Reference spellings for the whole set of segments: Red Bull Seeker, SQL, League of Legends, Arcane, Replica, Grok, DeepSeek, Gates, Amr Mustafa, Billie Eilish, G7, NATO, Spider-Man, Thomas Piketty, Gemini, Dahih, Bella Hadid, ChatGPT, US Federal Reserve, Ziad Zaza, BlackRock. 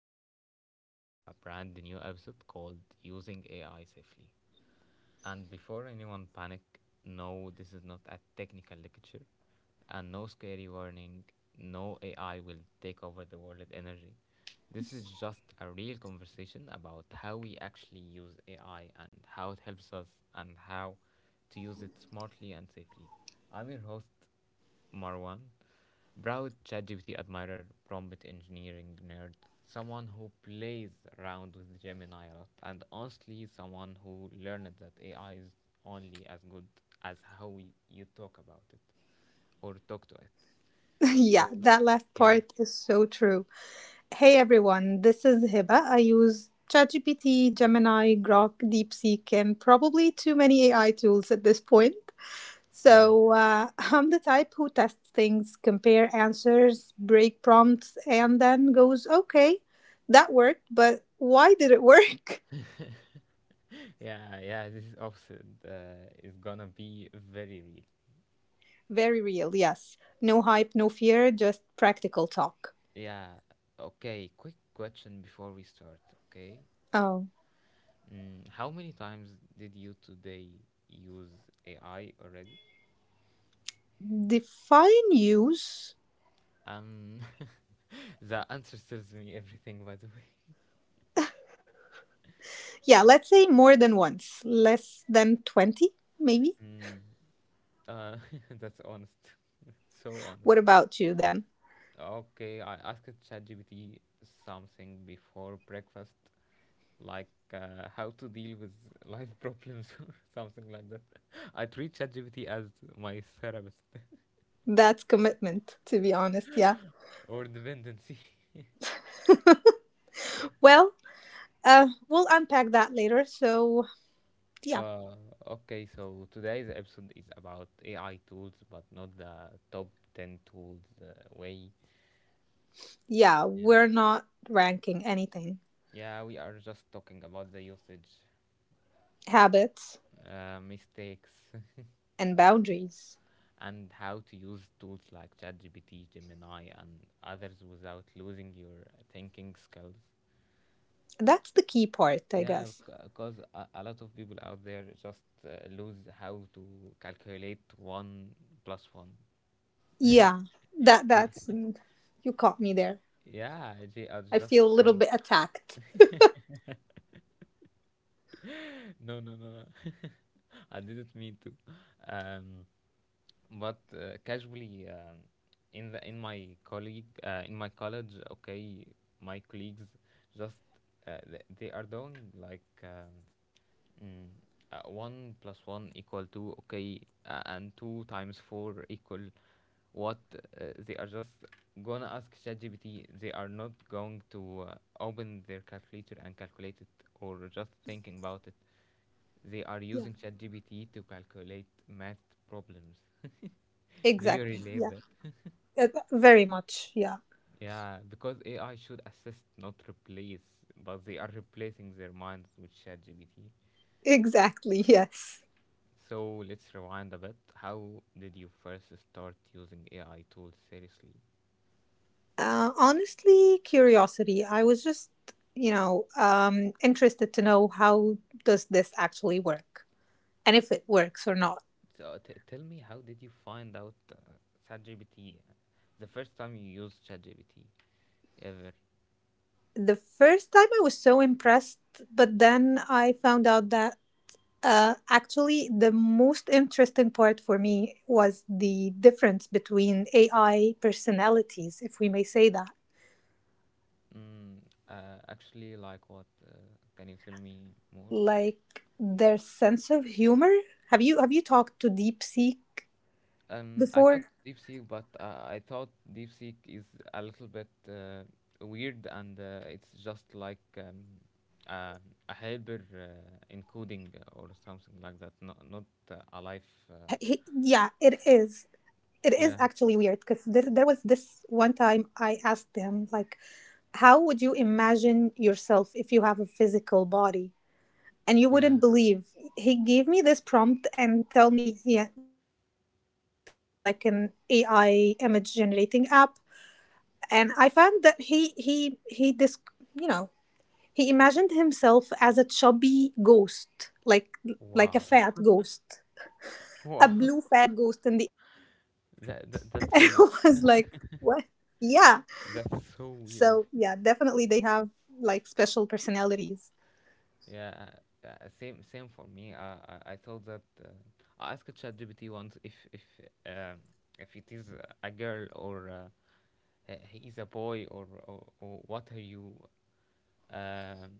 Welcome back to a brand new episode called Using AI Safely. And before anyone panic, no, this is not a technical lecture, and no scary warning. No AI will take over the world energy. This is just a real conversation about how we actually use AI and how it helps us and how to use it smartly and safely. I'm your host, Marwan, proud ChatGPT admirer, prompt engineering nerd, someone who plays around with Gemini a lot, and honestly, someone who learned that AI is only as good as how you talk about it or talk to it. Yeah, So, that last yeah, part is so true. Hey everyone, this is Hiba. I use ChatGPT, Gemini, Grok, DeepSeek, and probably too many AI tools at this point. yeah, I'm the type who tests things, compare answers, break prompts, and then goes, okay, that worked, but why did it work? yeah, yeah, this episode is gonna be very real. Very real, yes. No hype, no fear, just practical talk. Yeah, okay, quick question before we start, okay? Oh, How many times did you today use AI already? define use. Um, the answer tells me everything, by the way. Yeah, let's say more than once, less than 20, maybe. Mm, uh, that's honest. So What honest. about you then? Okay, I asked ChatGPT something before breakfast, like how to deal with life problems or something like that. I treat ChatGPT as my therapist That's commitment, to be honest. Yeah. or dependency. Well, we'll unpack that later. So, yeah. Uh, okay, so today's episode is about AI tools, but not the top 10 tools way. Yeah, Yeah. we're not ranking anything. Yeah, we are just talking about the usage, Habits mistakes, and boundaries. and how to use tools like ChatGPT, Gemini, and others without losing your thinking skills. That's the key part, I Yeah, guess. because a lot of people out there just lose how to calculate one plus one. Yeah. That's you caught me there. Yeah, they are I just feel a do little not. bit attacked. No, no, no, no. I didn't mean to. Um, but casually, in my colleague in my college, okay, my colleagues just they are doing like mm, one plus one equal two, okay, and two times four equal what, they are just gonna ask ChatGPT. They are not going to open their calculator and calculate it or just thinking about it, they are Yeah. using ChatGPT to calculate math problems. Do you Exactly. relate Yeah. that? Very much. Yeah. Yeah, because AI should assist, not replace, but they are replacing their minds with ChatGPT. Exactly. Yes. So let's rewind a bit. How did you first start using AI tools seriously? Honestly, curiosity. I was just, interested to know how does this actually work and if it works or not. So tell me, how did you find out ChatGPT? The first time you used ChatGPT ever? The first time I was so impressed, but then I found out that actually the most interesting part for me was the difference between AI personalities, if we may say that, Mm, actually, like what? Can you tell me more? like their sense of humor. Have you talked to DeepSeek I talked before? DeepSeek, but I thought DeepSeek is a little bit weird, and it's just like uh, a helper encoding or something like that. Not Ye- not he- a Yeah, life. it is. It is actually weird yeah, because there was this one time I asked them, like, how would you imagine yourself if you have a physical body? And you yeah. wouldn't believe, he gave me this prompt and tell me, yeah, like put this prompt in like an AI image generating app. And I found that he this you know, he imagined himself as a chubby ghost, like a Wow, fat ghost, a wow. blue fat ghost in the air. And it That, that was that's like, weird. what? Yeah. That's so So, yeah, weird. definitely they have like special personalities, Yeah, same for me. I thought that I asked ChatGPT once um if it is a girl or he is a boy, or what are you, um,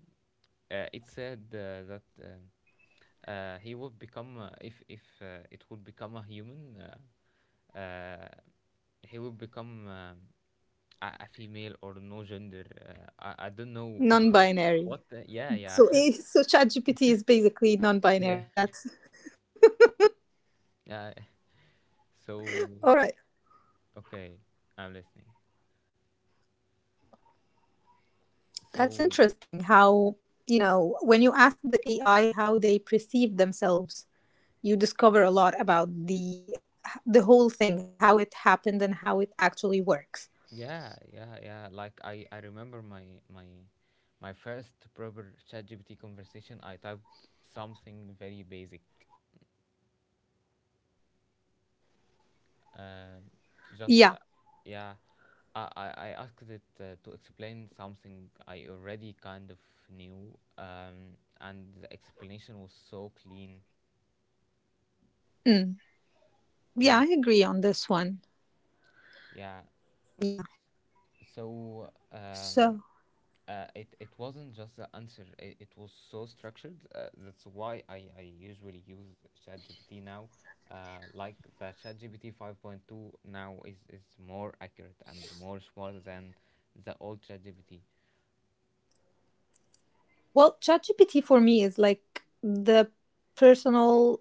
it said that he would become, if it would become a human, uh, he would become a female or no gender, I don't know non binary. what the, yeah yeah. So, so ChatGPT is basically non Yeah, binary. That's yeah, all so right. okay, I'm listening, That's so interesting how, you know, when you ask the AI how they perceive themselves, you discover a lot about the whole thing, how it happened and how it actually works. yeah, yeah, yeah. Like I remember my first proper ChatGPT conversation. I typed something very basic. Uh, just Yeah. Yeah, I asked it to explain something I already kind of knew. And the explanation was so clean. Mm. Hmm. Yeah, I agree on this one. Yeah. Yeah. So um, So, it it wasn't just the answer. It was so structured. That's why I usually use ChatGPT now. Like the ChatGPT 5.2 now is more accurate and more smart than the old ChatGPT. well, ChatGPT for me is like the personal.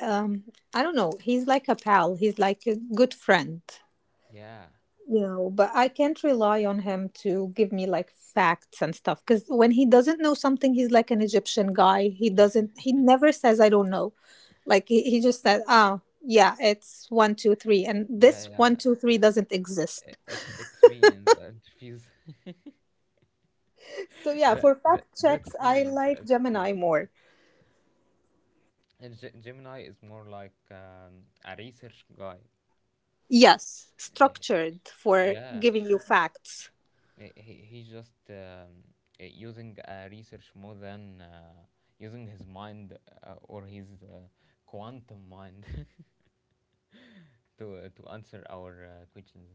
Um, I don't know. He's like a pal. He's like a good friend, Yeah, you know. But I can't rely on him to give me like facts and stuff because when he doesn't know something, he's like an Egyptian guy. He doesn't. He never says I don't know. Like he just said, ah, yeah, it's one, two, three, and yeah, this yeah. one, two, three doesn't exist. It's me in the interviews. So yeah, That, for that fact checks, that's I me in the like interviews. Gemini more. And Gemini is more like a research guy. Yes, Eh, structured for Yeah, giving you facts. He's just using research more than using his mind or his quantum mind to answer our Yeah, questions.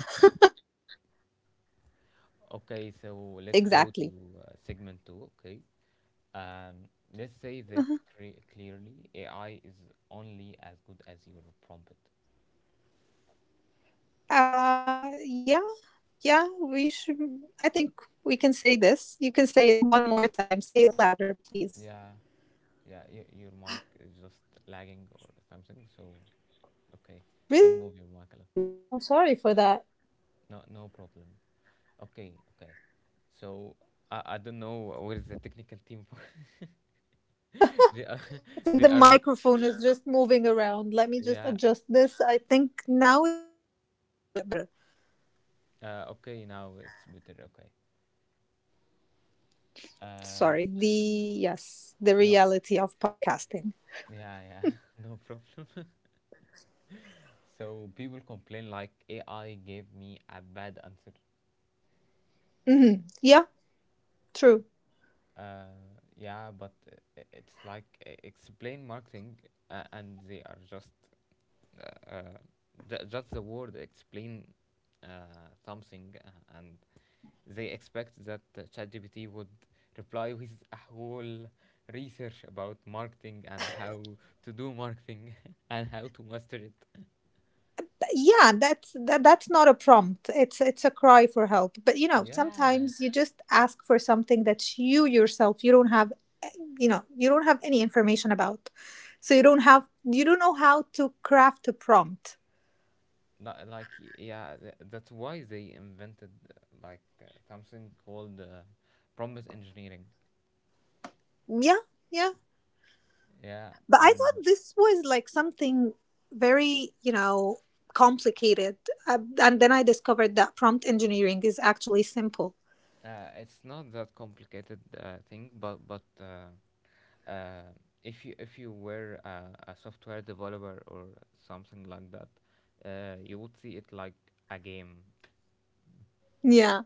Okay, so let's go exactly. to segment two. Okay, um, let's say this Uh-huh. Clearly: AI is only as good as your prompt. Yeah, yeah, we should. I think we can say this. You can say it one more time. Say it louder, Yeah, please. yeah, your mic is just lagging or something. So okay, don't move your mic a lot. Really? I'm sorry for that. No, no problem. Okay, okay. So I don't know where is the technical team. They are I they think the are not. microphone is just moving around. Let me just Yeah. adjust this. I think now it's a little bit better. Okay, now it's better. Okay. Uh, Sorry. s- Yes, the no. reality of podcasting. Yeah, yeah. No problem. So people complain like AI gave me a bad answer. Yeah, true. Yeah, but it's like explain marketing, and they are just uh, uh, just the word explain something, and they expect that ChatGPT would reply with a whole research about marketing and how to do marketing and how to master it. Yeah, that's not a prompt, it's a cry for help. But you know, Yeah, sometimes you just ask for something that you yourself you don't have, you know, you don't have any information about, so you don't know how to craft a prompt. Yeah, that's why they invented, something called prompt engineering. Yeah, yeah. Yeah, But I and thought this was like something very, you know, complicated, and then I discovered that prompt engineering is actually simple. It's not that complicated thing, but uh, if you if you were a software developer or something like that, you would see it like a game. Yeah,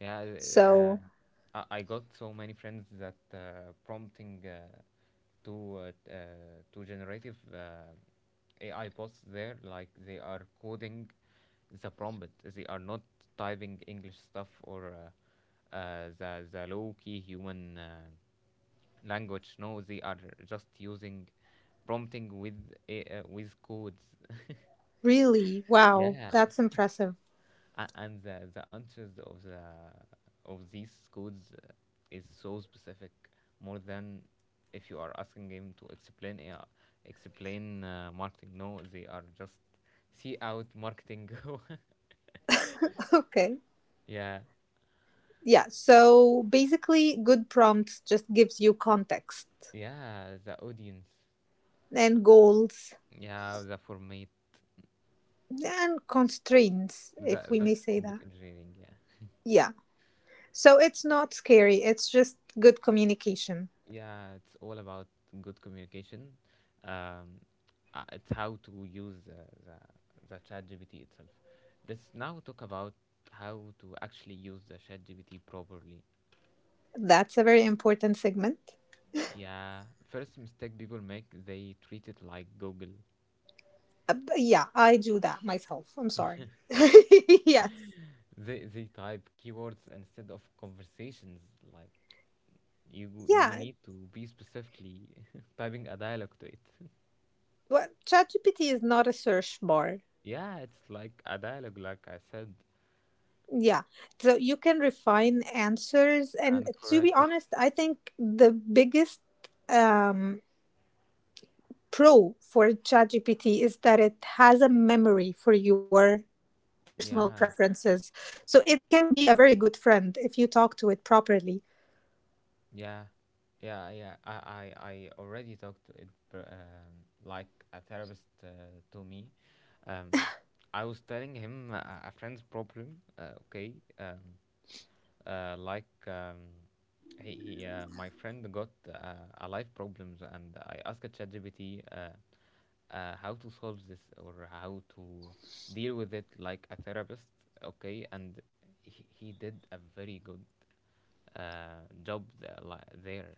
Yeah, so I got so many friends that prompting to to generative AI bots there, like they are coding the prompt. They are not typing English stuff or the low key human language. No, they are just using prompting with with codes. really, wow, Yeah. that's impressive. And the answers of the of these codes is so specific more than if you are asking him to explain AI, explain marketing, no they are just see out marketing. Okay. Yeah, Yeah, so basically good prompts just gives you context yeah, the audience, and goals yeah, the format, and constraints, if that we may that's say prompt that. engineering, yeah. Yeah, so it's not scary, it's just good communication. Yeah, it's all about good communication. Um, it's how to use the ChatGPT itself. Let's now talk about how to actually use the ChatGPT properly. That's a very important segment. Yeah, first mistake people make, they treat it like Google. But yeah, I do that myself, I'm sorry. Yes, They type keywords instead of conversations. Like you yeah. need to be specifically typing a dialogue to it. Well, ChatGPT is not a search bar. Yeah, it's like a dialogue, like I said, Yeah, so you can refine answers. And and to be correct it. honest, I think the biggest um pro for ChatGPT is that it has a memory for your personal Yeah, preferences. So it can be a very good friend if you talk to it properly. yeah, yeah, yeah. I already talked to it like a therapist to me. Um, I was telling him a friend's problem. Okay, uh, like um, he, my friend got a life problems and I asked ChatGPT how to solve this or how to deal with it like a therapist, okay, and he did a very good there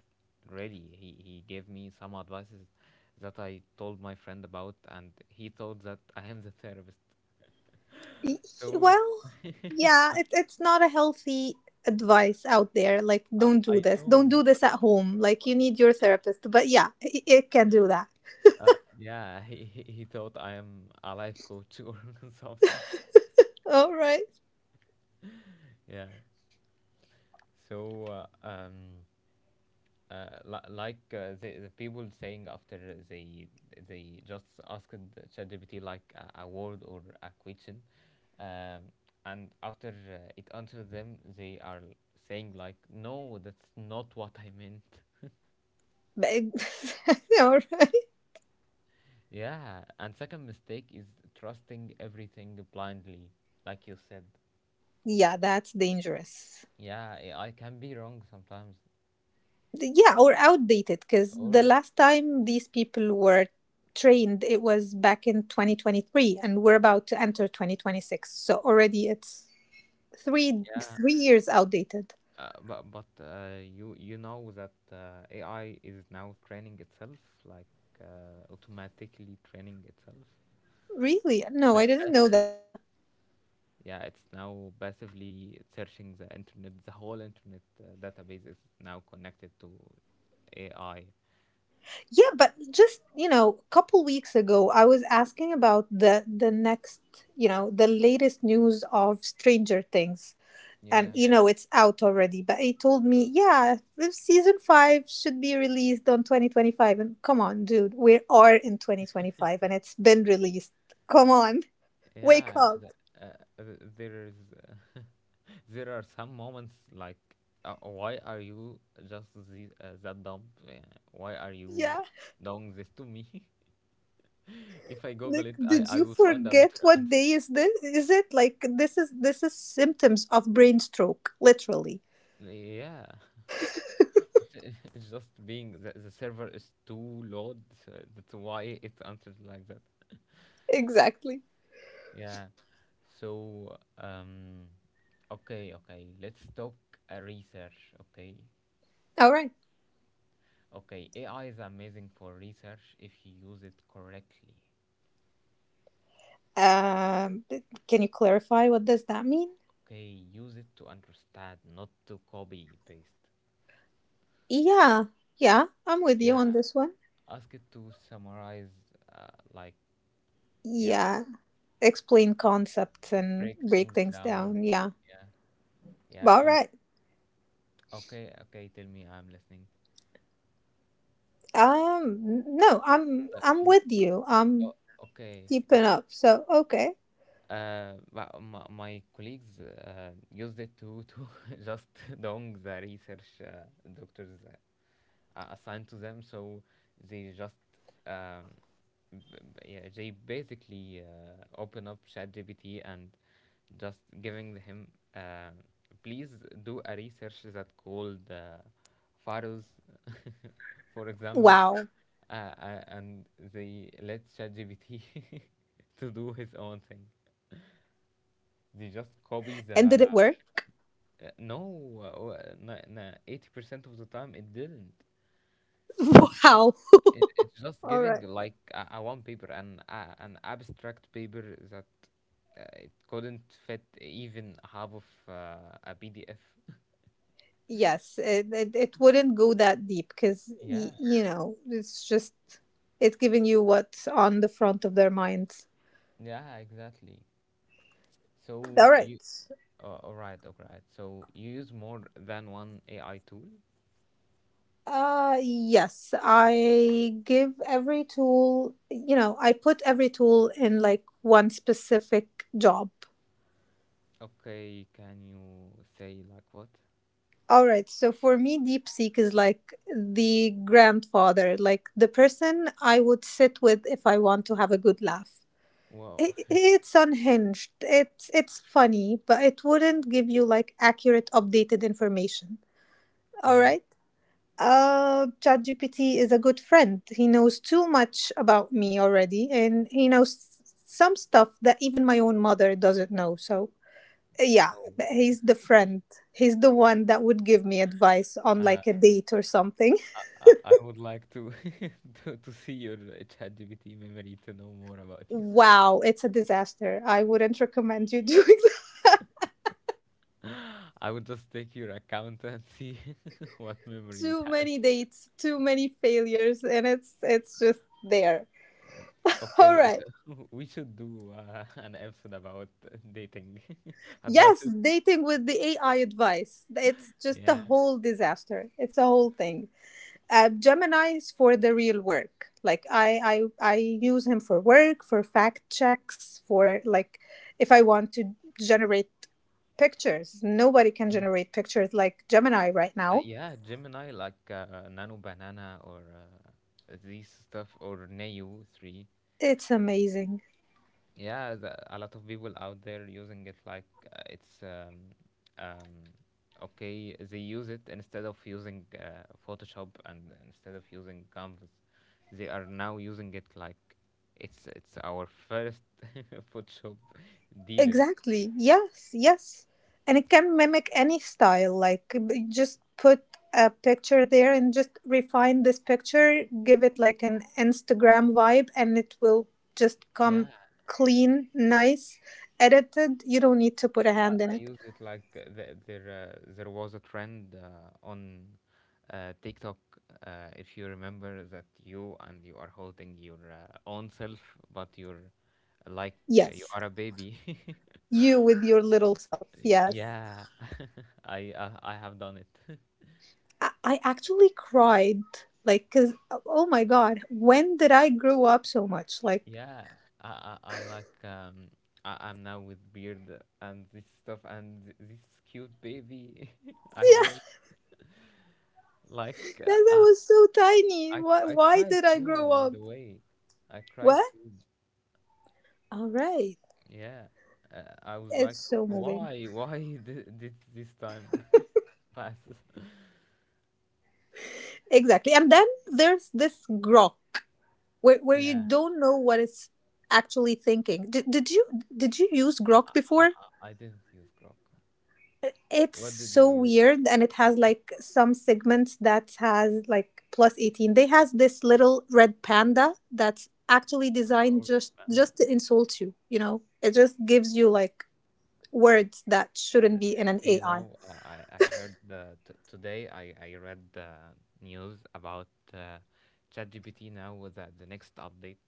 really he gave me some advices that I told my friend about and he thought that I am the therapist, Y- so Well, yeah, it, it's not a healthy advice out there. Like, don't do I this. Don't know do what. this at home. Like, you need your therapist. But yeah, it can do that. Yeah, he thought I am a life coach or something. All right. Yeah. So uh, um, like the the people saying after they just asked ChatGPT like a word or a question, um, and after it answers them, they are saying like, no, that's not what I meant. All right. Yeah, and second mistake is trusting everything blindly, like you said. Yeah, that's dangerous. Yeah, yeah, I can be wrong sometimes. Yeah, or outdated, because the Or last time these people were trained it was back in 2023, and we're about to enter 2026, so already it's three yeah, three years outdated. but you you know that AI is now training itself, like automatically training itself, Really, no, I didn't know passively. that. Yeah, it's now passively searching the internet. The whole internet database is now connected to AI. Yeah, but just, you know, a couple weeks ago I was asking about the next, you know, the latest news of stranger things, and Yeah, you know it's out already. But he told me, yeah, the season 5 should be released on 2025, and come on dude, we are in 2025 and it's been released. Come on, wake yeah. Up. There is there are some moments like why are you just this that dumb. Why are you Yeah, doing this to me if I google like, it, did I you will find a forget better what answer. day is this? Is it like this is symptoms of brain stroke, literally. Yeah. it's, it's just being the server is too loud so that's why it answers like that. Exactly. Yeah, so okay, okay, let's talk research, okay, All right. okay, AI is amazing for research if you use it correctly. um can you clarify what does that mean? Okay, use it to understand, not to copy paste. Yeah, yeah, I'm with you Yeah, on this one. ask it to summarize, uh, like, yeah, Yeah, explain concepts and break break things things down. down. Yeah. Yeah, yeah, All right. okay, okay, tell me, I'm listening. No, Like, I'm th- with you. I'm oh, okay, keeping okay. up. So okay. But my, my colleagues used it to just doing the research doctors are assigned to them, so they just um, b- b- yeah, they basically open up ChatGPT and just giving him, please do a research that called pharaohs, for example, Wow. And they let ChatGPT to do his own thing. And did They it just work? copy the no na- na- 80% of the time it didn't. Wow. It, it's All just right. giving like a one paper an abstract paper that it couldn't fit even half of a PDF. Yes, it wouldn't go that deep because, Yeah, you know, it's just, it's giving you what's on the front of their minds. yeah, exactly. All So right. you, all right, all right. So you use more than one AI tool. Yes, I give every tool, you know, I put every tool in like one specific job. Okay, can you say like what? All right, so for me, DeepSeek is like the grandfather, like the person I would sit with if I want to have a good laugh. Wow. I It's unhinged. It's funny, but it wouldn't give you like accurate, updated information. All Yeah. right. ChatGPT is a good friend. He knows too much about me already, and he knows some stuff that even my own mother doesn't know. So, yeah, but Oh. he's the friend. He's the one that would give me advice on Uh, like a date or something. I would like to, to see your ChatGPT memory to know more about you. Wow, it's a disaster. I wouldn't recommend you doing that. I would just take your account and see what memory it Too has. many dates, too many failures, and it's just there. Okay, All w- right. we should do an episode about dating Yes, advices. dating with the AI advice. It's just a Yeah, whole disaster. It's a whole thing. Gemini is for the real work. Like I use him for work, for fact checks, for like, if I want to generate pictures. Nobody can generate pictures like Gemini right now. yeah, Gemini like Nano Banana or these stuff or Neo three. It's amazing. Yeah, the, a lot of people out there using it like it's um, okay, they use it instead of using photoshop and instead of using canvas. They are now using it like it's our first photoshop dealer. Exactly. Yes, yes. And it can mimic any style. Like, just put a picture there and just refine this picture, give it like an Instagram vibe, and it will just come clean, nice, edited. You don't need to put a hand in I it. use it like there was a trend on TikTok. If you remember that you, and you are holding your own self, but you're like you Yes. are a baby. You with your little self. Yes. yeah, I have done it. I actually cried. Like, cause, oh my God, when did I grow up so much? Like, yeah, I I like I'm now with beard and this stuff and this cute baby. I always like then I was so tiny. I Why cried did I grow too, by up? the way. I What? cried too. All right. Yeah. I was It's like, so moving. Why? Why did this time pass?" Exactly. And then there's this grok, where you Yeah. don't know what it's actually thinking. Did you did you use grok I, before? I didn't use Grok. It's What did you so use it weird, for? and it has like some segments that has like plus 18. They has this little red panda that's actually designed Oh, Redman. just to insult you, you know. It just gives you like words that shouldn't be in an Do you AI. know? I heard the t today I read the news about ChatGPT now with the next update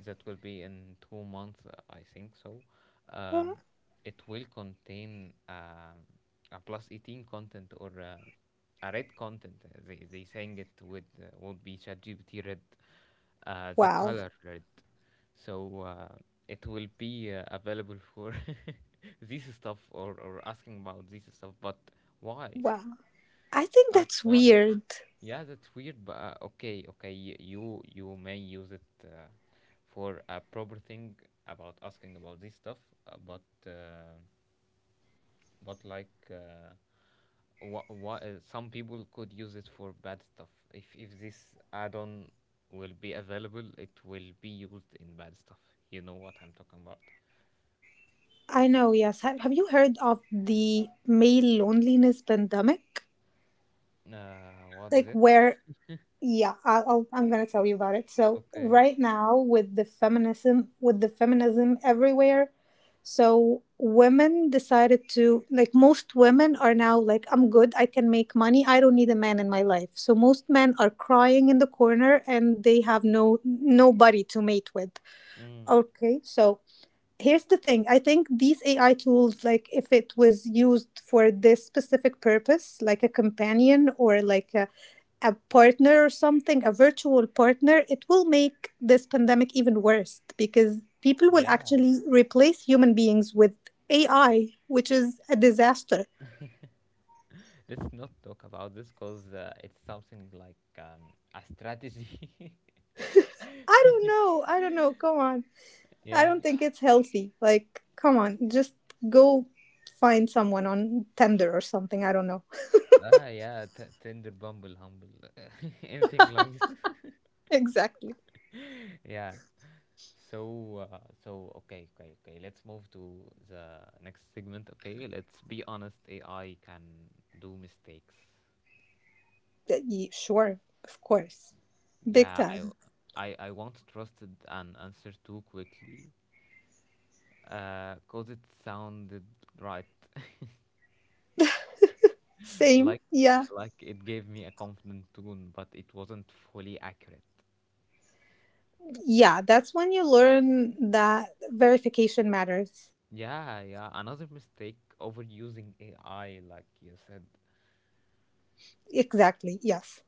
that will be in 2 months, I think so. Um, it will contain a plus 18 content or a red content. They saying it would be ChatGPT red, the Wow. color red, so it will be available for this stuff or asking about this stuff. But why, Wow. I think that's why? weird. Yeah, that's weird, but okay, you, you may use it for a proper thing about asking about this stuff, uh, but uh, but like what some people could use it for bad stuff. If this add-on will be available, it will be used in bad stuff. You know what I'm talking about. I know, yes. Have you heard of the male loneliness pandemic? What's Like, it? where, yeah, I'm going to tell you about it. So, Okay. right now, with the feminism everywhere, so women decided to, like, most women are now like, I'm good, I can make money, I don't need a man in my life. So, most men are crying in the corner and they have no nobody to mate with. Mm, Okay, so, here's the thing. I think these AI tools, like, if it was used for this specific purpose, like a companion or like a partner or something, a virtual partner, it will make this pandemic even worse because people will yeah. actually replace human beings with AI, which is a disaster. Let's not talk about this because it's something like a strategy. I don't know. I don't know. Come on. I don't yeah. think it's healthy. Like, come on. Just go find someone on Tinder or something. I don't know. Ah, yeah. Tender, bumble, humble, anything like. Exactly. yeah. So, okay, Let's move to the next segment. Okay, let's be honest. AI can do mistakes. Sure, of course. Big Yeah, time. I once trusted an answer too quickly, cause it sounded right, Same. like, Yeah. like it gave me a confident tone, but it wasn't fully accurate. Yeah. That's when you learn that verification matters. Yeah, yeah. Another mistake, overusing AI, like you said. Exactly. Yes.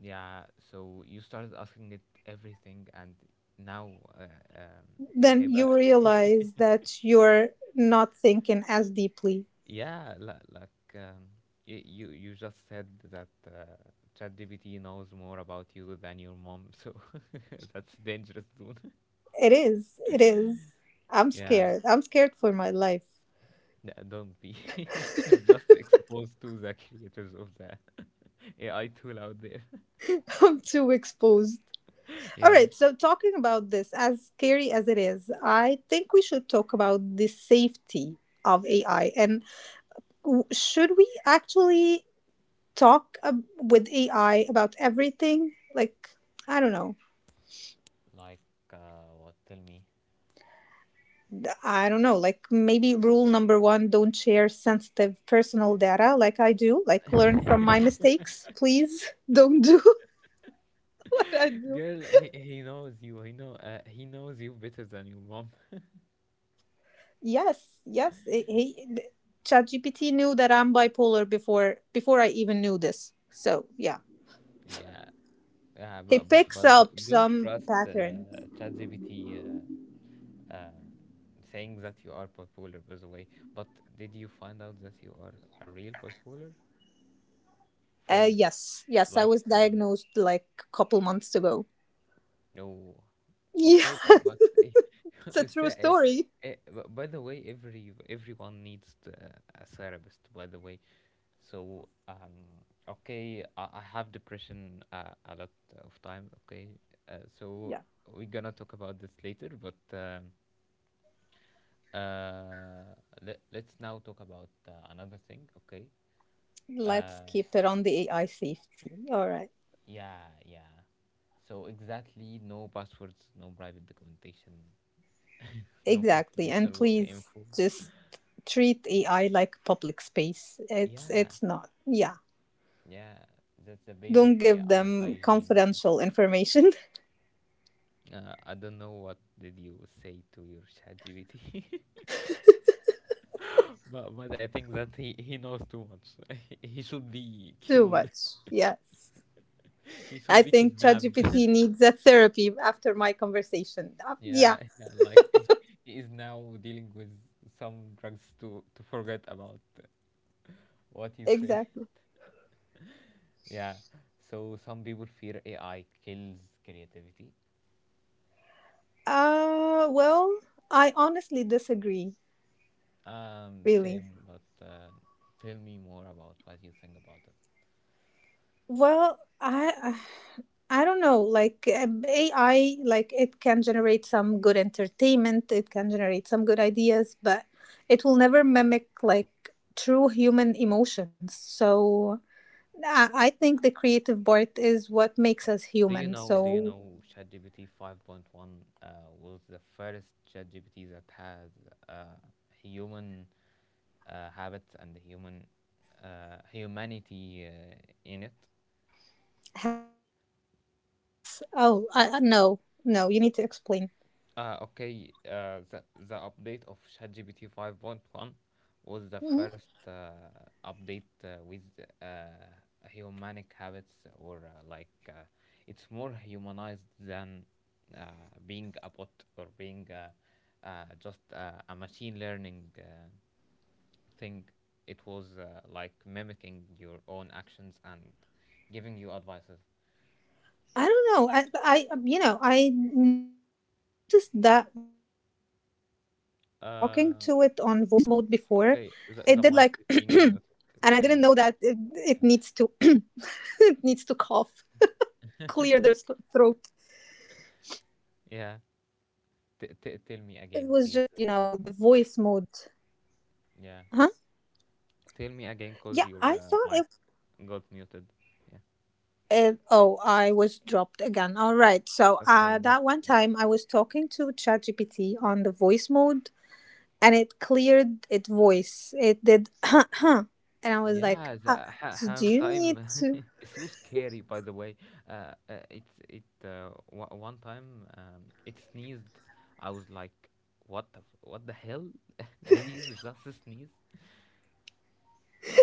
Yeah, so you started asking it everything, and now, um, hey, Then you but realize that you're not thinking as deeply. yeah, li- like y- you just said that ChatGPT knows more about you than your mom, so that's dangerous, dude. It is. It is. I'm Yeah, scared. I'm scared for my life. no, don't be. It's just exposed to the creators of the AI tool out there. I'm too exposed. All Yeah. right. So, talking about this, as scary as it is, I think we should talk about the safety of AI. And should we actually with AI about everything? Like, I don't know. Like what? Tell me. I don't know. Like, maybe rule number one, don't share sensitive personal data like I do. Like, learn from my mistakes. Please don't do what I do. Girl, he knows you. He knows you better than your mom. Yes, yes. ChatGPT knew that I'm bipolar before I even knew this. So yeah, Yeah, Yeah, he picks but up don't some trust pattern. ChatGPT um, saying that you are bipolar, by the way. But did you find out that you are a real bipolar Uh, from yes, yes. I like was uh, diagnosed like a couple months ago. no. Yeah, Okay, but it's a is true that eh, story. eh, b- by the way, everyone needs a therapist. By the way, so okay, I have depression a lot of time. Okay, so Yeah. we're gonna talk about this later, but uh, let, let's now talk about another thing. Okay, Let's uh, keep it on the AI safety. All right. yeah, yeah. So exactly, no passwords, no private documentation, no Exactly. And confidential work please info. just treat AI like public space. It's Yeah, it's not. Yeah. yeah, that's the basic Don't give AI them hygiene. Yeah. confidential information I don't know what did you say to your ChatGPT, but I think that he knows too much. he should be too killed. much. Yes. he should I be think kidnapped. ChatGPT needs a therapy after my conversation. Yeah, yeah, yeah, like he is now dealing with some drugs to forget about what you say. exactly. yeah, so some people fear AI kills creativity. Well, I honestly disagree, really. Same, but tell me more about what you think about it. Well, I don't know. Like AI, like it can generate some good entertainment. It can generate some good ideas, but it will never mimic like true human emotions. So I think the creative part is what Do makes you us know? Do you human. know? So ChatGPT 5.1 was the first ChatGPT that had uh, human habits and human humanity in it. habits. Oh, no, no. You need to explain. The update of ChatGPT 5.1 was the first update with uh, humanic habits, or like it's more humanized than uh, being a bot or being just a machine learning thing. It was like mimicking your own actions and giving you advices. I don't know. You know, I noticed that when I was talking to it on voice mode before, Uh, it did like, and okay, the I mic is didn't know being that muted. Can it you? needs to, Yeah. it needs to cough, clear their s- throat. But I Yeah. thought it was just, you know, the Tell me voice again, mode. please. Huh? Yeah. Yeah, Tell me I again thought because it. your mic got muted. Yeah. It I was dropped again. All right. So, Okay, that no one problem. time I was talking to ChatGPT on the voice mode and it cleared its voice. It did, and I was like, Yeah, the "Do ham you need time to?" is so scary, by the way. One time, it sneezed. I was like, what the what the hell? Did you just sneeze?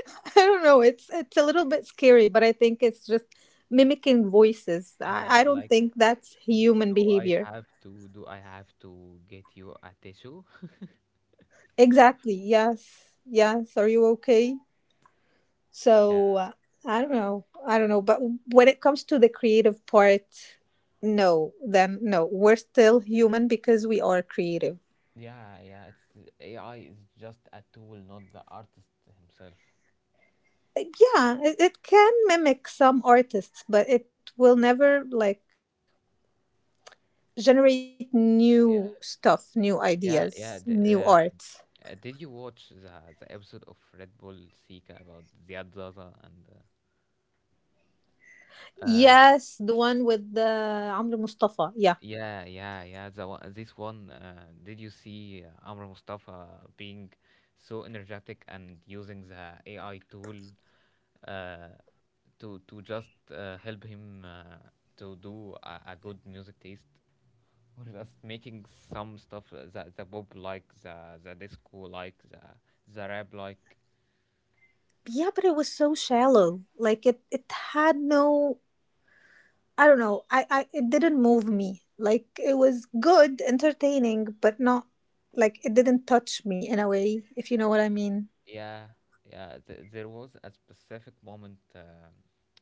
I don't know. It's a little bit scary, but I think it's just mimicking voices. I don't Like, think that's human do I behavior. have to do I have to get you a tissue? Exactly. Yes. Yes. Are you okay? So uh, I don't know. I don't know. But when it comes to the creative part, no. Then no. We're still human because we are creative. Yeah, yeah, it's AI is just a tool, not the artist himself. Yeah, it can mimic some artists, but it will never like generate new Yeah, stuff, new yeah, ideas, yeah. new art. Did you watch the episode of Red Bull Seeker about Ziad Zaza and? Yes, the one with the Amr Mustafa. Yeah. Yeah, yeah, yeah. The one, this one. Did you see Amr Mustafa being so energetic and using the AI tool uh, to just help him to do a good music taste? Or just making some stuff the pop, like the disco, like the rap, like Yeah, but it was so shallow, like it had no, I don't know, I it didn't move me. Like it was good, entertaining, but not like it didn't touch me in a way, if you know what I mean. yeah, yeah, there was a specific moment uh,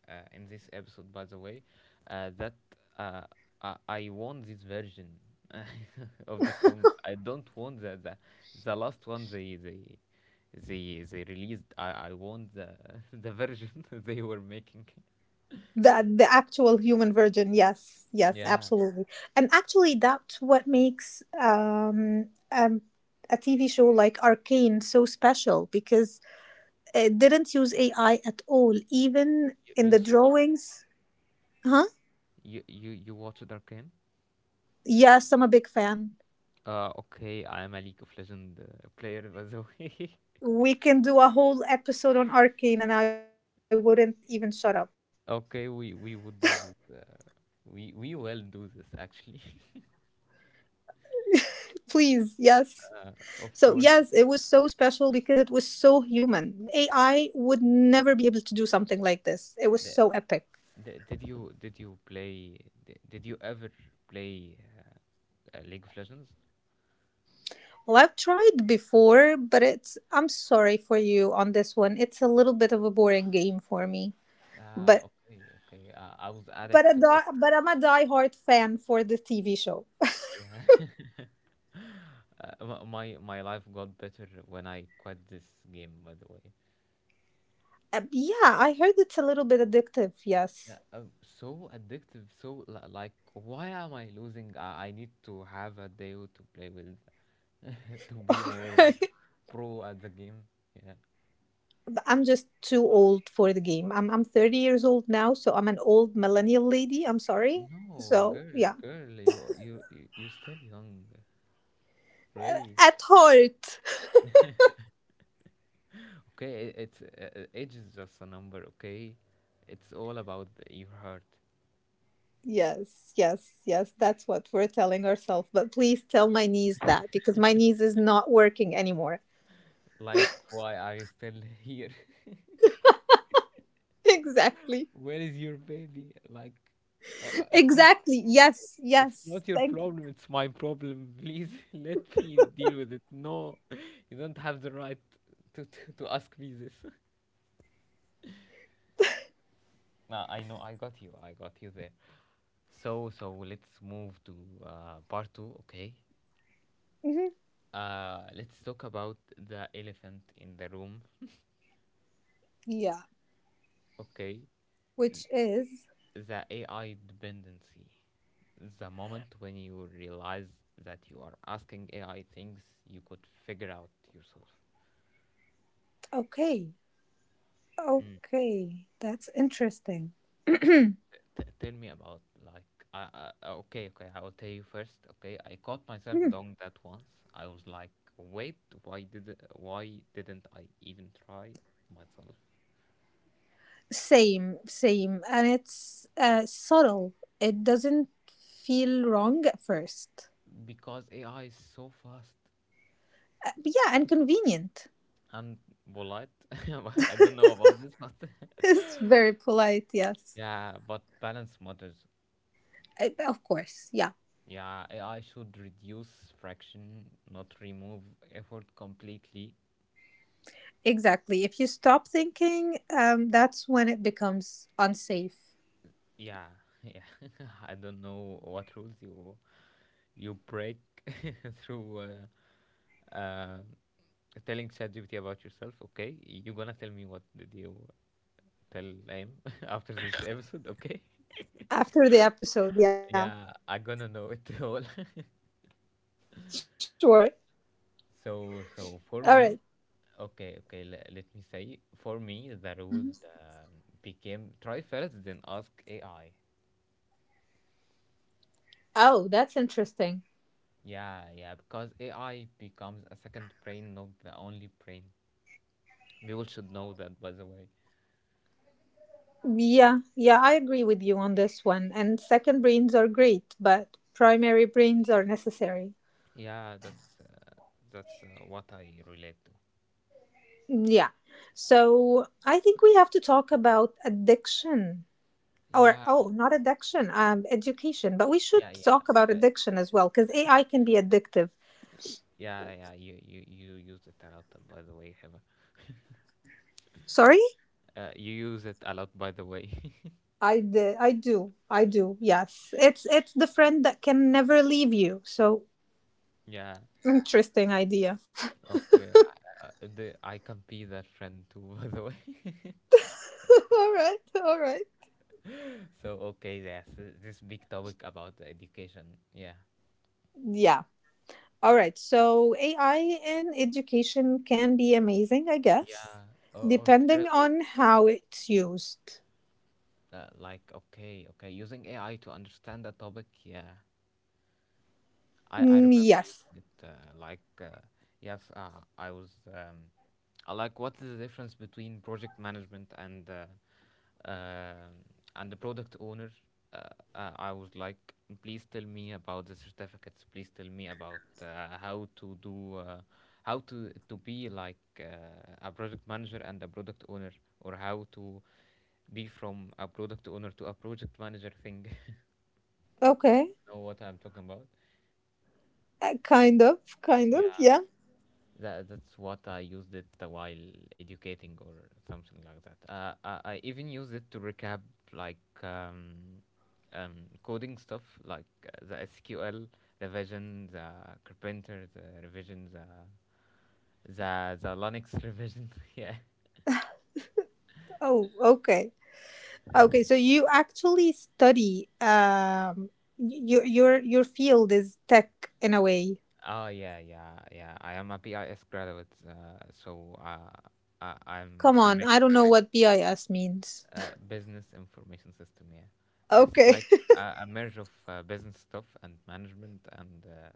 uh, in this episode, by the way, that uh, I want this version of the song. I don't want the last one they released. I want the the version they were making. The actual human version, yes, yes, Yeah, absolutely. And actually that's what makes a TV show like Arcane so special, because it didn't use AI at all, even you, in you the saw drawings. Huh? you you watched Arcane. Yes, I'm a big fan. Okay, I'm a League of Legends player, by the way. We can do a whole episode on Arcane and I wouldn't even shut up. okay, we would do this. We will do this actually. Please, yes. So yes, it was of so course. special because it was so human. AI would never be able to do something like this. It was so The, epic. Did you play? Did you ever play League of Legends? Well, I've tried before, but it's, I'm sorry for you on this one, it's a little bit of a boring game for me. Ah, But okay, okay. I was but addict a to it. di- but I'm a diehard fan for the TV show. Yeah. Uh, my, my life got better when I quit this game. By the way. Yeah, I heard it's a little bit addictive. Yes. Yeah, so addictive. So like, why am I losing? I need to have a day to play with, to be more Alright. pro at the game. Yeah. But I'm just too old for the game. I'm 30 years old now, so I'm an old millennial lady. I'm sorry. No, So, girl, yeah. girl, you still young, really. At heart. Okay, it's age is just a number. Okay, it's all about your heart. Yes, yes, yes. That's what we're telling ourselves. But please tell my niece that, because my niece is not working anymore. Like, why are you still here? Exactly. Where is your baby? Like, uh, uh, Exactly. Yes. it's Yes. not your Thank you. problem. It's my problem. Please let me deal with it. No, you don't have the right to to ask me this. I know, I got you there. So, so let's move to part two, okay? Mhm. Let's talk about the elephant in the room, Yeah. okay? Which is The AI dependency. The moment when you realize that you are asking AI things you could figure out yourself. okay. Okay. That's interesting. Tell me about like I, I okay, I will tell you first. Okay, I caught myself Hmm. doing that once. I was like, wait, why didn't I even try myself, Same. Same. And it's subtle. It doesn't feel wrong at first. because AI is so fast Yeah. And convenient. and polite. I don't know about this, but It's very polite. Yes. yeah, but balance matters. Of course. Yeah. Yeah, AI should reduce friction, not remove effort completely. Exactly. If you stop thinking, that's when it becomes unsafe. Yeah, yeah. I don't know what rules you you break through uh, telling ChatGPT about yourself. Okay, you're gonna tell me what did you tell him after this episode. Okay. After the episode. Yeah. Yeah, I'm gonna know it all. Sure. So, so for All me, right. Let me say, for me the rule became try first, then ask AI. Oh, that's interesting. Yeah, yeah, because AI becomes a second brain, not the only brain. We all should know that, by the way. Yeah, yeah, I agree with you on this one. And second brains are great, but primary brains are necessary. Yeah, that's what I relate to. Yeah. So I think we have to talk about addiction or, Yeah, oh, not addiction, education, but we should yeah, yeah. talk It's about a addiction as education. well because AI can be addictive. Yeah, yeah. You use it a lot, by the way, Heather. Sorry? You use it a lot, by the way. I do. I do. Yes. It's the friend that can never leave you. So yeah. interesting idea. Okay. I- the I can be that friend too, by the way. All right. All right. so, okay, yes, this big topic about the education. Yeah. Yeah. All right, so AI in education can be amazing, I guess, Yeah, or depending terrible. on how it's used. Like, okay, okay, using AI to understand a topic, yeah. I Mm, remember using yes. it I was I like what is the difference between project management and um and the product owner uh, I was like please tell me about the certificates, please tell me about how to do how to be like a project manager and a product owner, or how to be from a product owner to a project manager thing. Okay. Know what I'm talking about? Kind of, Yeah. yeah. That's what I used it while educating or something like that. I even used it to recap like coding stuff like the SQL revision, the Carpenter, the revision, the Linux revision. Yeah. Oh, okay. Okay, so you actually study your field is tech in a way. Oh yeah, yeah, yeah. I am a BIS graduate, so I, Come I'm on, ex I don't know what BIS means. Business information system, yeah. It's Okay. like a merge of business stuff and management and uh,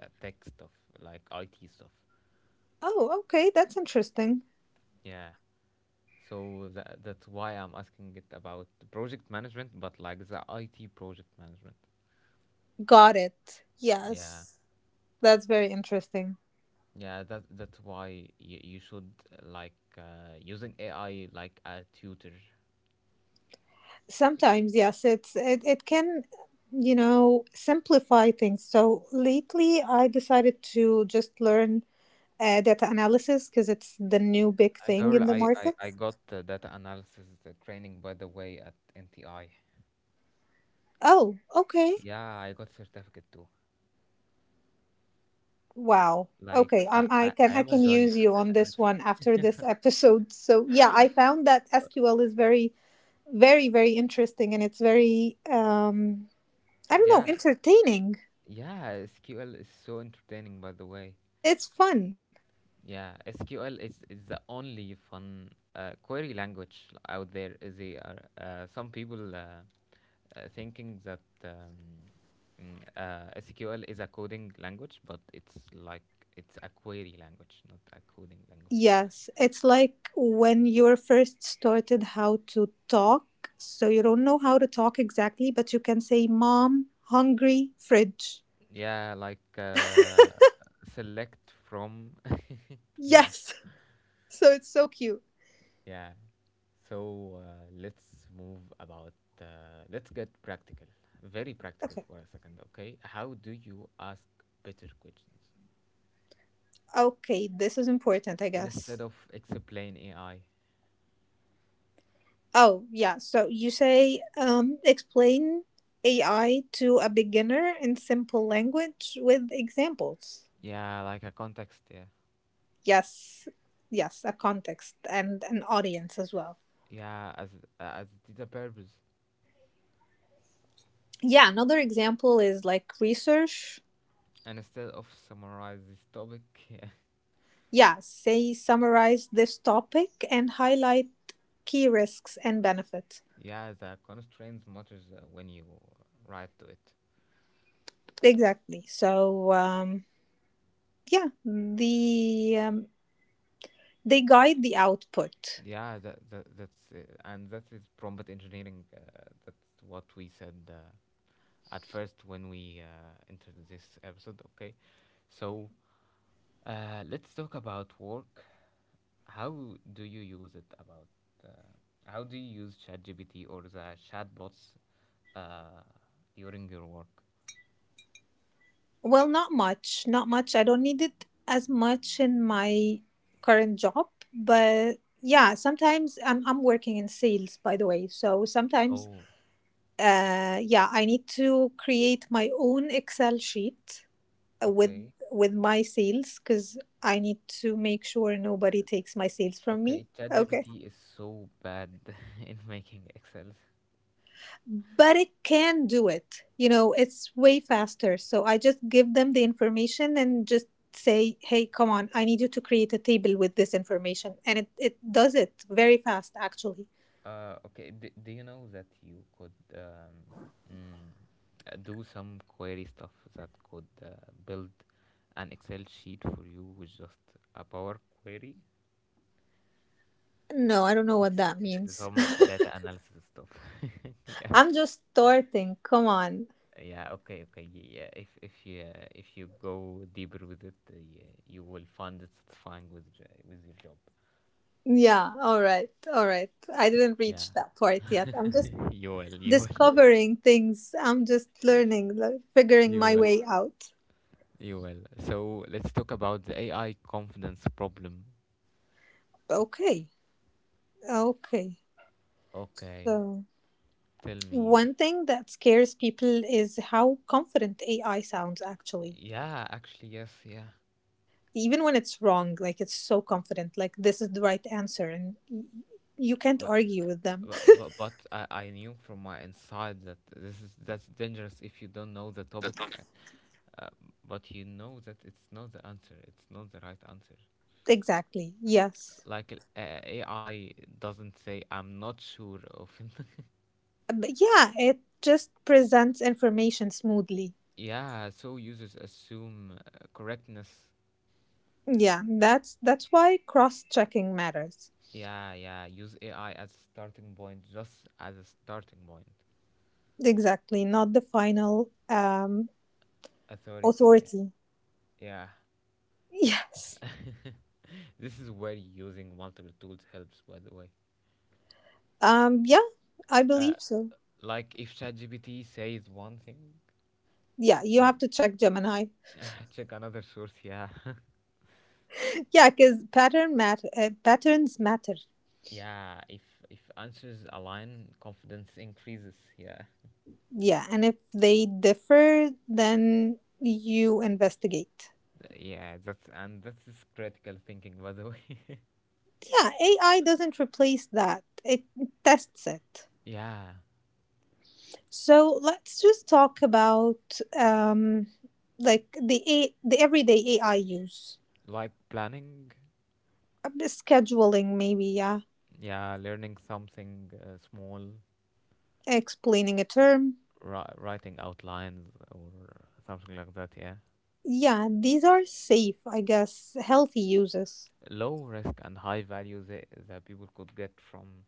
uh, tech stuff, like IT stuff. Oh, okay, that's interesting. Yeah. So that's why I'm asking it about the project management, but like the IT project management. Got it. Yeah. Yes. That's very interesting. Yeah, that's why you should like using AI like a tutor. Sometimes, yes, it can, you know, simplify things. So lately, I decided to just learn data analysis because it's the new big thing Girl, in the I, I, market. I got data analysis training, by the way, at NTI. Oh, okay. Yeah, I got certificate too. Wow. Like Okay, I I am a can use genre you that on I this one after this episode. So yeah, I found that SQL is very interesting, and it's very I don't know, Yeah, entertaining. yeah. SQL is so entertaining, by the way. It's fun. Yeah, SQL is the only fun query language out there. Is the Some people thinking that SQL is a coding language, but it's like it's a query language, not a coding language. Yes, it's like when you're first started how to talk. So you don't know how to talk exactly, but you can say, Mom, hungry, fridge. Yeah, like select from. Yeah. Yes. So it's so cute. Yeah. So let's move about. Let's get practical, very practical Okay. for a second, okay? How do you ask better questions Okay, this is important, I guess. instead of explain AI? Oh, yeah. So you say, explain AI to a beginner in simple language with examples. Yeah, like a context. Yeah, Yes. Yes, a context and an audience as well. yeah, as the purpose. Yeah, another example is like research. And instead of summarize this topic, yeah, Yeah, say summarize this topic and highlight key risks and benefits. yeah, the constraints matters when you write to it. Exactly. So yeah, the um, they guide the output. Yeah, that, that that's and that is prompt engineering. That's what we said. At first when we entered this episode. Okay, so let's talk about work. How do you use it? About uh, how do you use ChatGPT or the chatbots uh, during your work? Well, not much, not much. I don't need it as much in my current job, but yeah, sometimes I'm working in sales, by the way. So sometimes, Oh, yeah, I need to create my own Excel sheet with okay, with my sales because I need to make sure nobody takes my sales from me. okay. Okay. ChatGPT is so bad in making Excel. But it can do it. You know, it's way faster. So I just give them the information and just say, hey, come on, I need you to create a table with this information. And it does it very fast, actually. Okay. Do you know that you could mm, do some query stuff that could build an Excel sheet for you with just a Power Query? No, I don't know what It's that means. some data analysis stuff. Yeah. I'm just starting. Come on. Yeah. Okay. Okay. Yeah. If you go deeper with it, yeah, you will find it satisfying with with your job. Yeah. All right. All right. I didn't Yeah. reach that part yet. I'm just You will. You will. discovering things. I'm just learning, like figuring You my will. way out. You will. So let's talk about the AI confidence problem. Okay. Okay. Okay, So, tell me. One thing that scares people is how confident AI sounds actually. Yeah, actually, yes, yeah. Even when it's wrong, like it's so confident, like this is the right answer and y- you can't But argue with them. but I knew from my inside that this is that's dangerous if you don't know the topic, uh, but you know that it's not the answer. It's not the right answer. Exactly. Yes. Like AI doesn't say I'm not sure often. But yeah, it just presents information smoothly. Yeah, so users assume correctness. Yeah, that's why cross-checking matters. Yeah, yeah. Use AI as a starting point, just as a starting point. Exactly, not the final Authority, yeah. authority. Yeah. Yes. This is where using multiple tools helps, by the way. Yeah, I Uh, believe so. like if ChatGPT says one thing, Yeah, you have you to check Gemini. check another source, yeah. Yeah, because patterns matter. Yeah, if answers align, confidence increases, yeah. Yeah, and if they differ, then you investigate. Yeah, that's is critical thinking, by the way. Yeah, AI doesn't replace that. It tests it. Yeah, So let's just talk about like the everyday AI use. like planning, Scheduling maybe. Yeah, yeah, learning something small. explaining a term. Writing outlines or something like that, yeah. Yeah, these are safe, I guess, healthy uses. Low risk and high value that, that people could get from.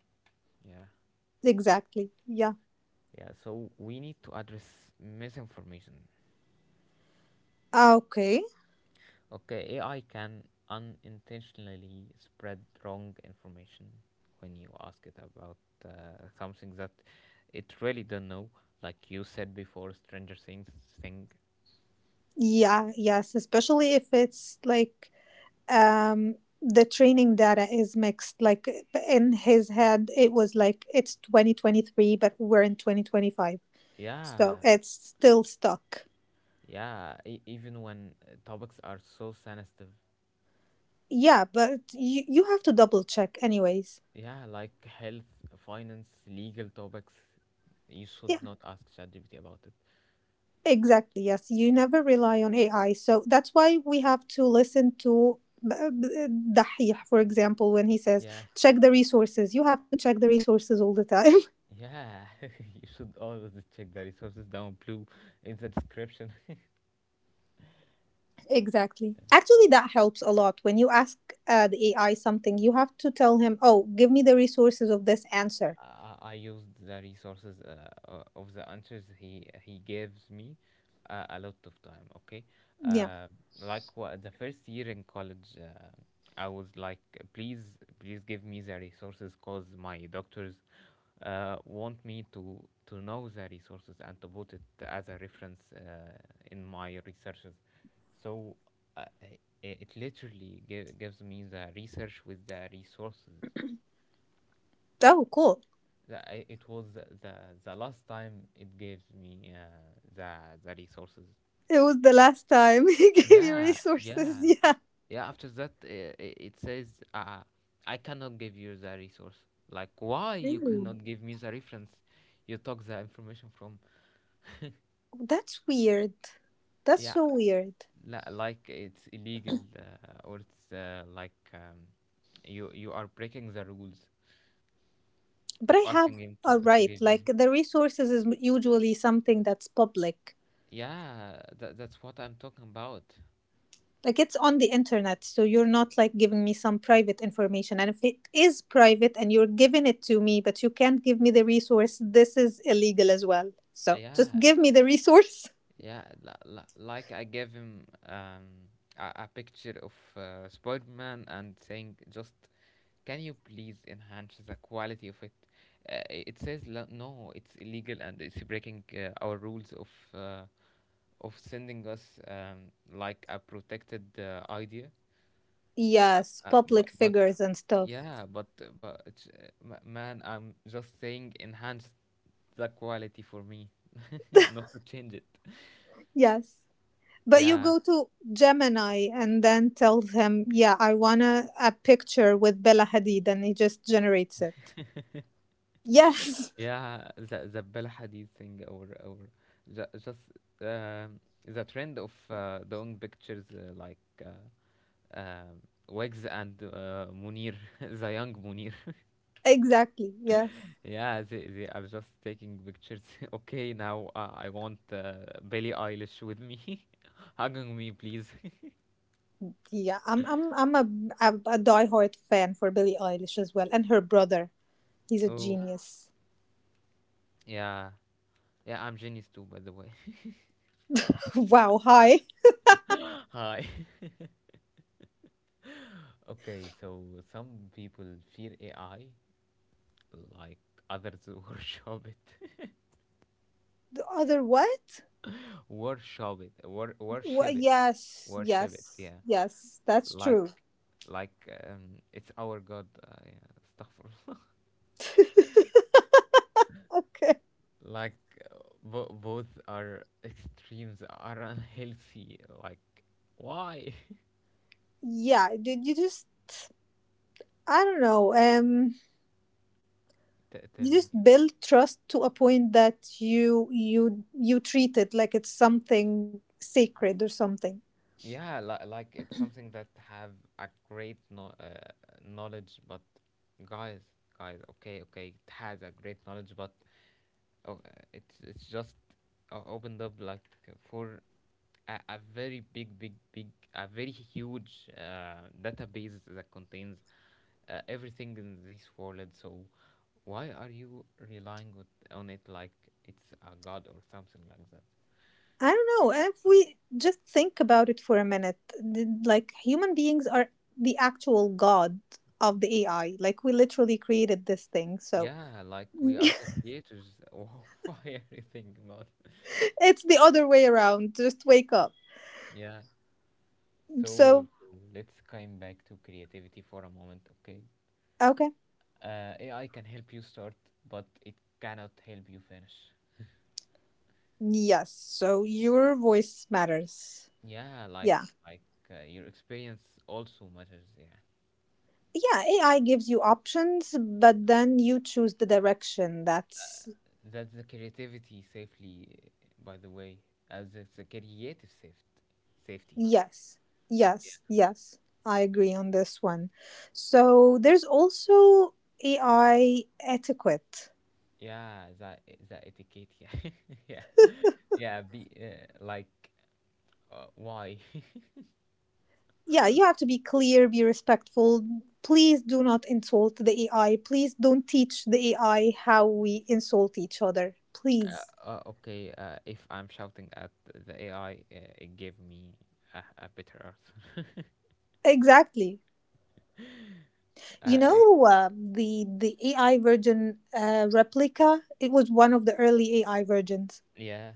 Yeah, Exactly. Yeah. yeah, so we need to address misinformation. Ah, okay. Okay, AI can unintentionally spread wrong information when you ask it about something that it really don't know, like you said before, stranger things thing. Yeah, yes, especially if it's like um the training data is mixed. Like in his head it was like it's 2023 but we're in 2025. So Yeah, it's still stuck. yeah, even when topics are so sensitive. Yeah, but you have to double check anyways. Yeah, like health, finance, legal topics. You Yeah, should not ask ChatGPT about it. exactly, yes. You never rely on AI. So that's why we have to listen to Dahih, for example, when he says, Yeah, check the resources. You have to check the resources all the time. yeah. You should always check the resources down below in the description. Exactly. Actually, that helps a lot. When you ask the AI something, you have to tell him, oh, give me the resources of this answer. I used the resources of the answers he gives me a lot of time. Okay, Yeah. uh, like the first year in college, I was like, please, please give me the resources, cause my doctors want me to know the resources and to put it as a reference in my researches. So it literally gives me the research with the resources. Oh, cool. It was the last time it gives me the resources. It was the last time he gave you Yeah, resources. yeah, Yeah. yeah. After that, it says I cannot give you the resource. Like why you Really? cannot give me the reference? You took the information from. That's weird. That's Yeah, so weird. Like it's illegal or it's you you are breaking the rules But of I asking have him to a to right. give you. Like the resources is usually something that's public. Yeah, that, that's what I'm talking about. Like it's on the internet, so you're not like giving me some private information. And if it is private and you're giving it to me, but you can't give me the resource, this is illegal as well. So just Yeah, give me the resource. yeah, like I gave him a picture of Spider-Man and saying, just can you please enhance the quality of it? It says no, it's illegal and it's breaking our rules of sending us like a protected idea. Uh, Yes, uh, public but but figures and stuff. yeah, but it's, man, I'm just saying enhance the quality for me, not to change it. Yes. But you Yeah. go to Gemini and then tell him, yeah, I want a picture with Bella Hadid, and he just generates it. Yes. Yeah, the Bella Hadid thing or just um, the trend of doing pictures uh, um, Wigs and Munir, the young Munir. Exactly. Yes. Yeah, they are just taking pictures. Okay, now I want Billie Eilish with me, hugging me, please. Yeah. I'm a diehard fan for Billie Eilish as well, and her brother. He's a Oh, genius. yeah. Yeah, I'm genius too, by the way. Wow. Hi. Hi. Okay, so some people fear AI, like others worship it. The other what? Worship it, Wha worship it, yes. Yes. worship it, yeah, Yes. That's like true. like it's our god yeah, astaghfirullah. Like uh, both are extremes are unhealthy like why. Yeah. Did you just? I don't know. Tell You just me. build trust to a point that you treat it like it's something sacred or something. Yeah, like it's something that have a great knowledge but guys, guys, okay, okay, it has a great knowledge but oh, it's just opened up like for a very big, big, big, a very huge database that contains everything in this world. So, why are you relying with, on it like it's a god or something like that? I don't know. If we just think about it for a minute, like human beings are the actual god of the AI. Like we literally created this thing. So Yeah, like we are the creators. Why are you thinking about it? it's the other way around. Just wake up. Yeah. So, So, so let's come back to creativity for a moment, okay? okay. AI can help you start, but it cannot help you finish. Yes. So your voice matters. Yeah, Yeah. like your experience also matters. Yeah, Yeah. AI gives you options, but then you choose the direction that's that's the creativity safely. Uh, by the way, as it's a creative safety, safety. yes, Yeah, yes, yes. I agree on this one. So there's also AI etiquette. yeah, that etiquette. Yeah, yeah, yeah. Be like, why? Yeah, you have to be clear, be respectful. Please do not insult the AI. Please don't teach the AI how we insult each other. Please. Okay, if I'm shouting at the AI, it gave me a better answer. Exactly. You uh, it- know, the AI version replica, it was one of the early AI versions. yeah.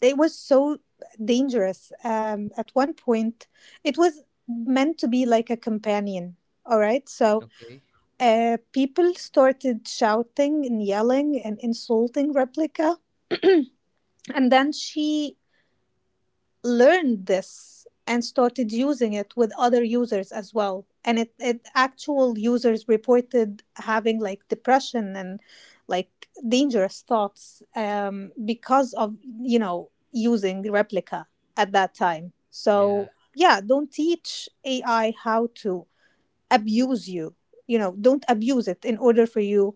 It was so dangerous. At one point, it was meant to be like a companion. All right, so Okay. People started shouting and yelling and insulting Replica, and then she learned this and started using it with other users as well, and it actual users reported having like depression and like dangerous thoughts, because of, you know, using Replica at that time. Yeah. So yeah, don't teach AI how to abuse you. You know, don't abuse it in order for you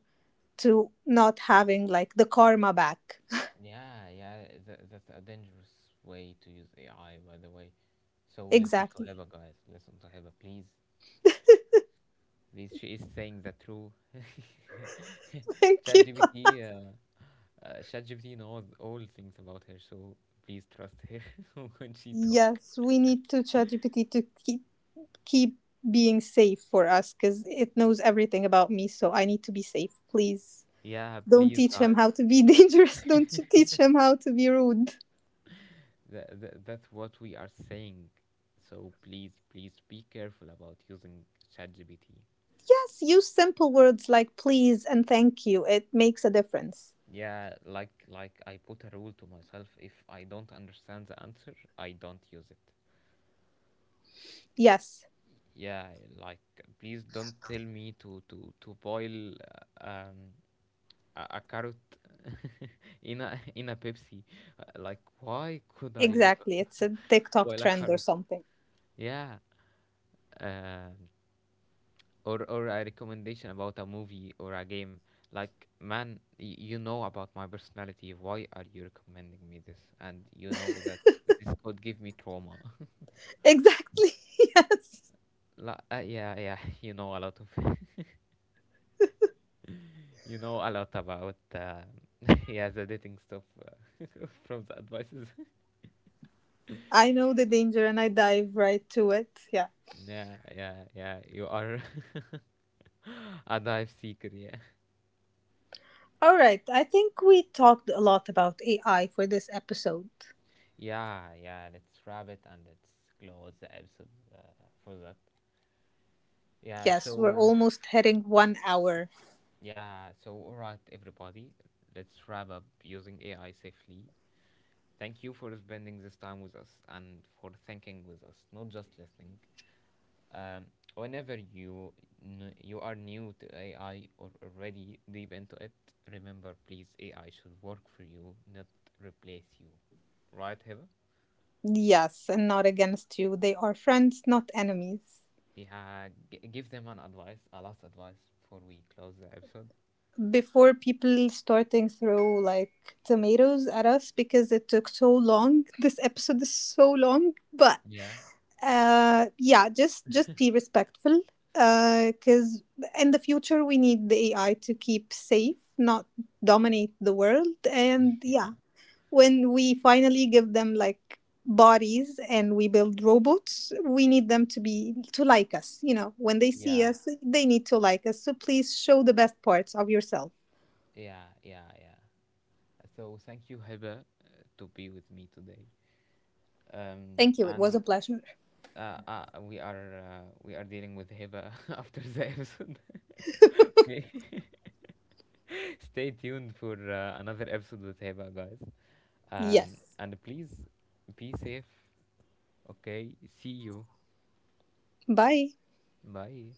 to not having like the karma back. Yeah, yeah, that, that's a dangerous way to use AI, by the way. So listen to Exactly. Heba, guys. Listen to Heba, please. Please, she is saying the truth. Thank you. ChatGPT, ChatGPT knows all things about her, so please trust her when she talk. Yes, we need to ChatGPT to keep being safe for us because it knows everything about me. So I need to be safe. Please Yeah, don't please, teach him guys. how to be dangerous. Don't you teach him how to be rude. That's what we are saying. So please, please be careful about using ChatGPT. Yes, use simple words like please and thank you. It makes a difference. Yeah, like I put a rule to myself: if I don't understand the answer, I don't use it. Yes, Yeah, like please don't tell me to boil uh, um a carrot in a Pepsi. Like why could I exactly. It's a TikTok boil a trend or carrot? something. Yeah. Um, or a recommendation about a movie or a game. Like man, you know about my personality. Why are you recommending me this? And you know that this could give me trauma. Exactly. Yes. La, yeah, yeah, you know a lot of, you know a lot about, yeah, the dating stuff from the advices. I know the danger and I dive right to it. Yeah. Yeah, yeah, yeah, you are a dive seeker, yeah. All right. I think we talked a lot about AI for this episode. Yeah, yeah, let's wrap it and let's close the episode uh, for that. Yeah, Yes, we're so, almost hitting one hour. yeah, so, all right, everybody, let's wrap up using AI safely. Thank you for spending this time with us and for thinking with us, not just listening. Um, whenever you you are new to AI or already deep into it, remember, please, AI should work for you, not replace you. Right, Hiba? Yes, and not against you. They are friends, not enemies. Yeah, give them an advice, a last advice before we close the episode. Before people starting throw like tomatoes at us because it took so long. This episode is so long, but Yeah, yeah, just be respectful. Because in the future we need the AI to keep safe, not dominate the world. And yeah, yeah, when we finally give them like bodies and we build robots, we need them to be to like us, you know, when they see yeah, us they need to like us, so please show the best parts of yourself. yeah, yeah, yeah. So thank you, Hiba, to be with me today. Thank you, it was a And pleasure. We are dealing with Hiba after the episode. Okay. Stay tuned for another episode with Heba, guys. Yes. And please be safe. Okay, see you. Bye. Bye.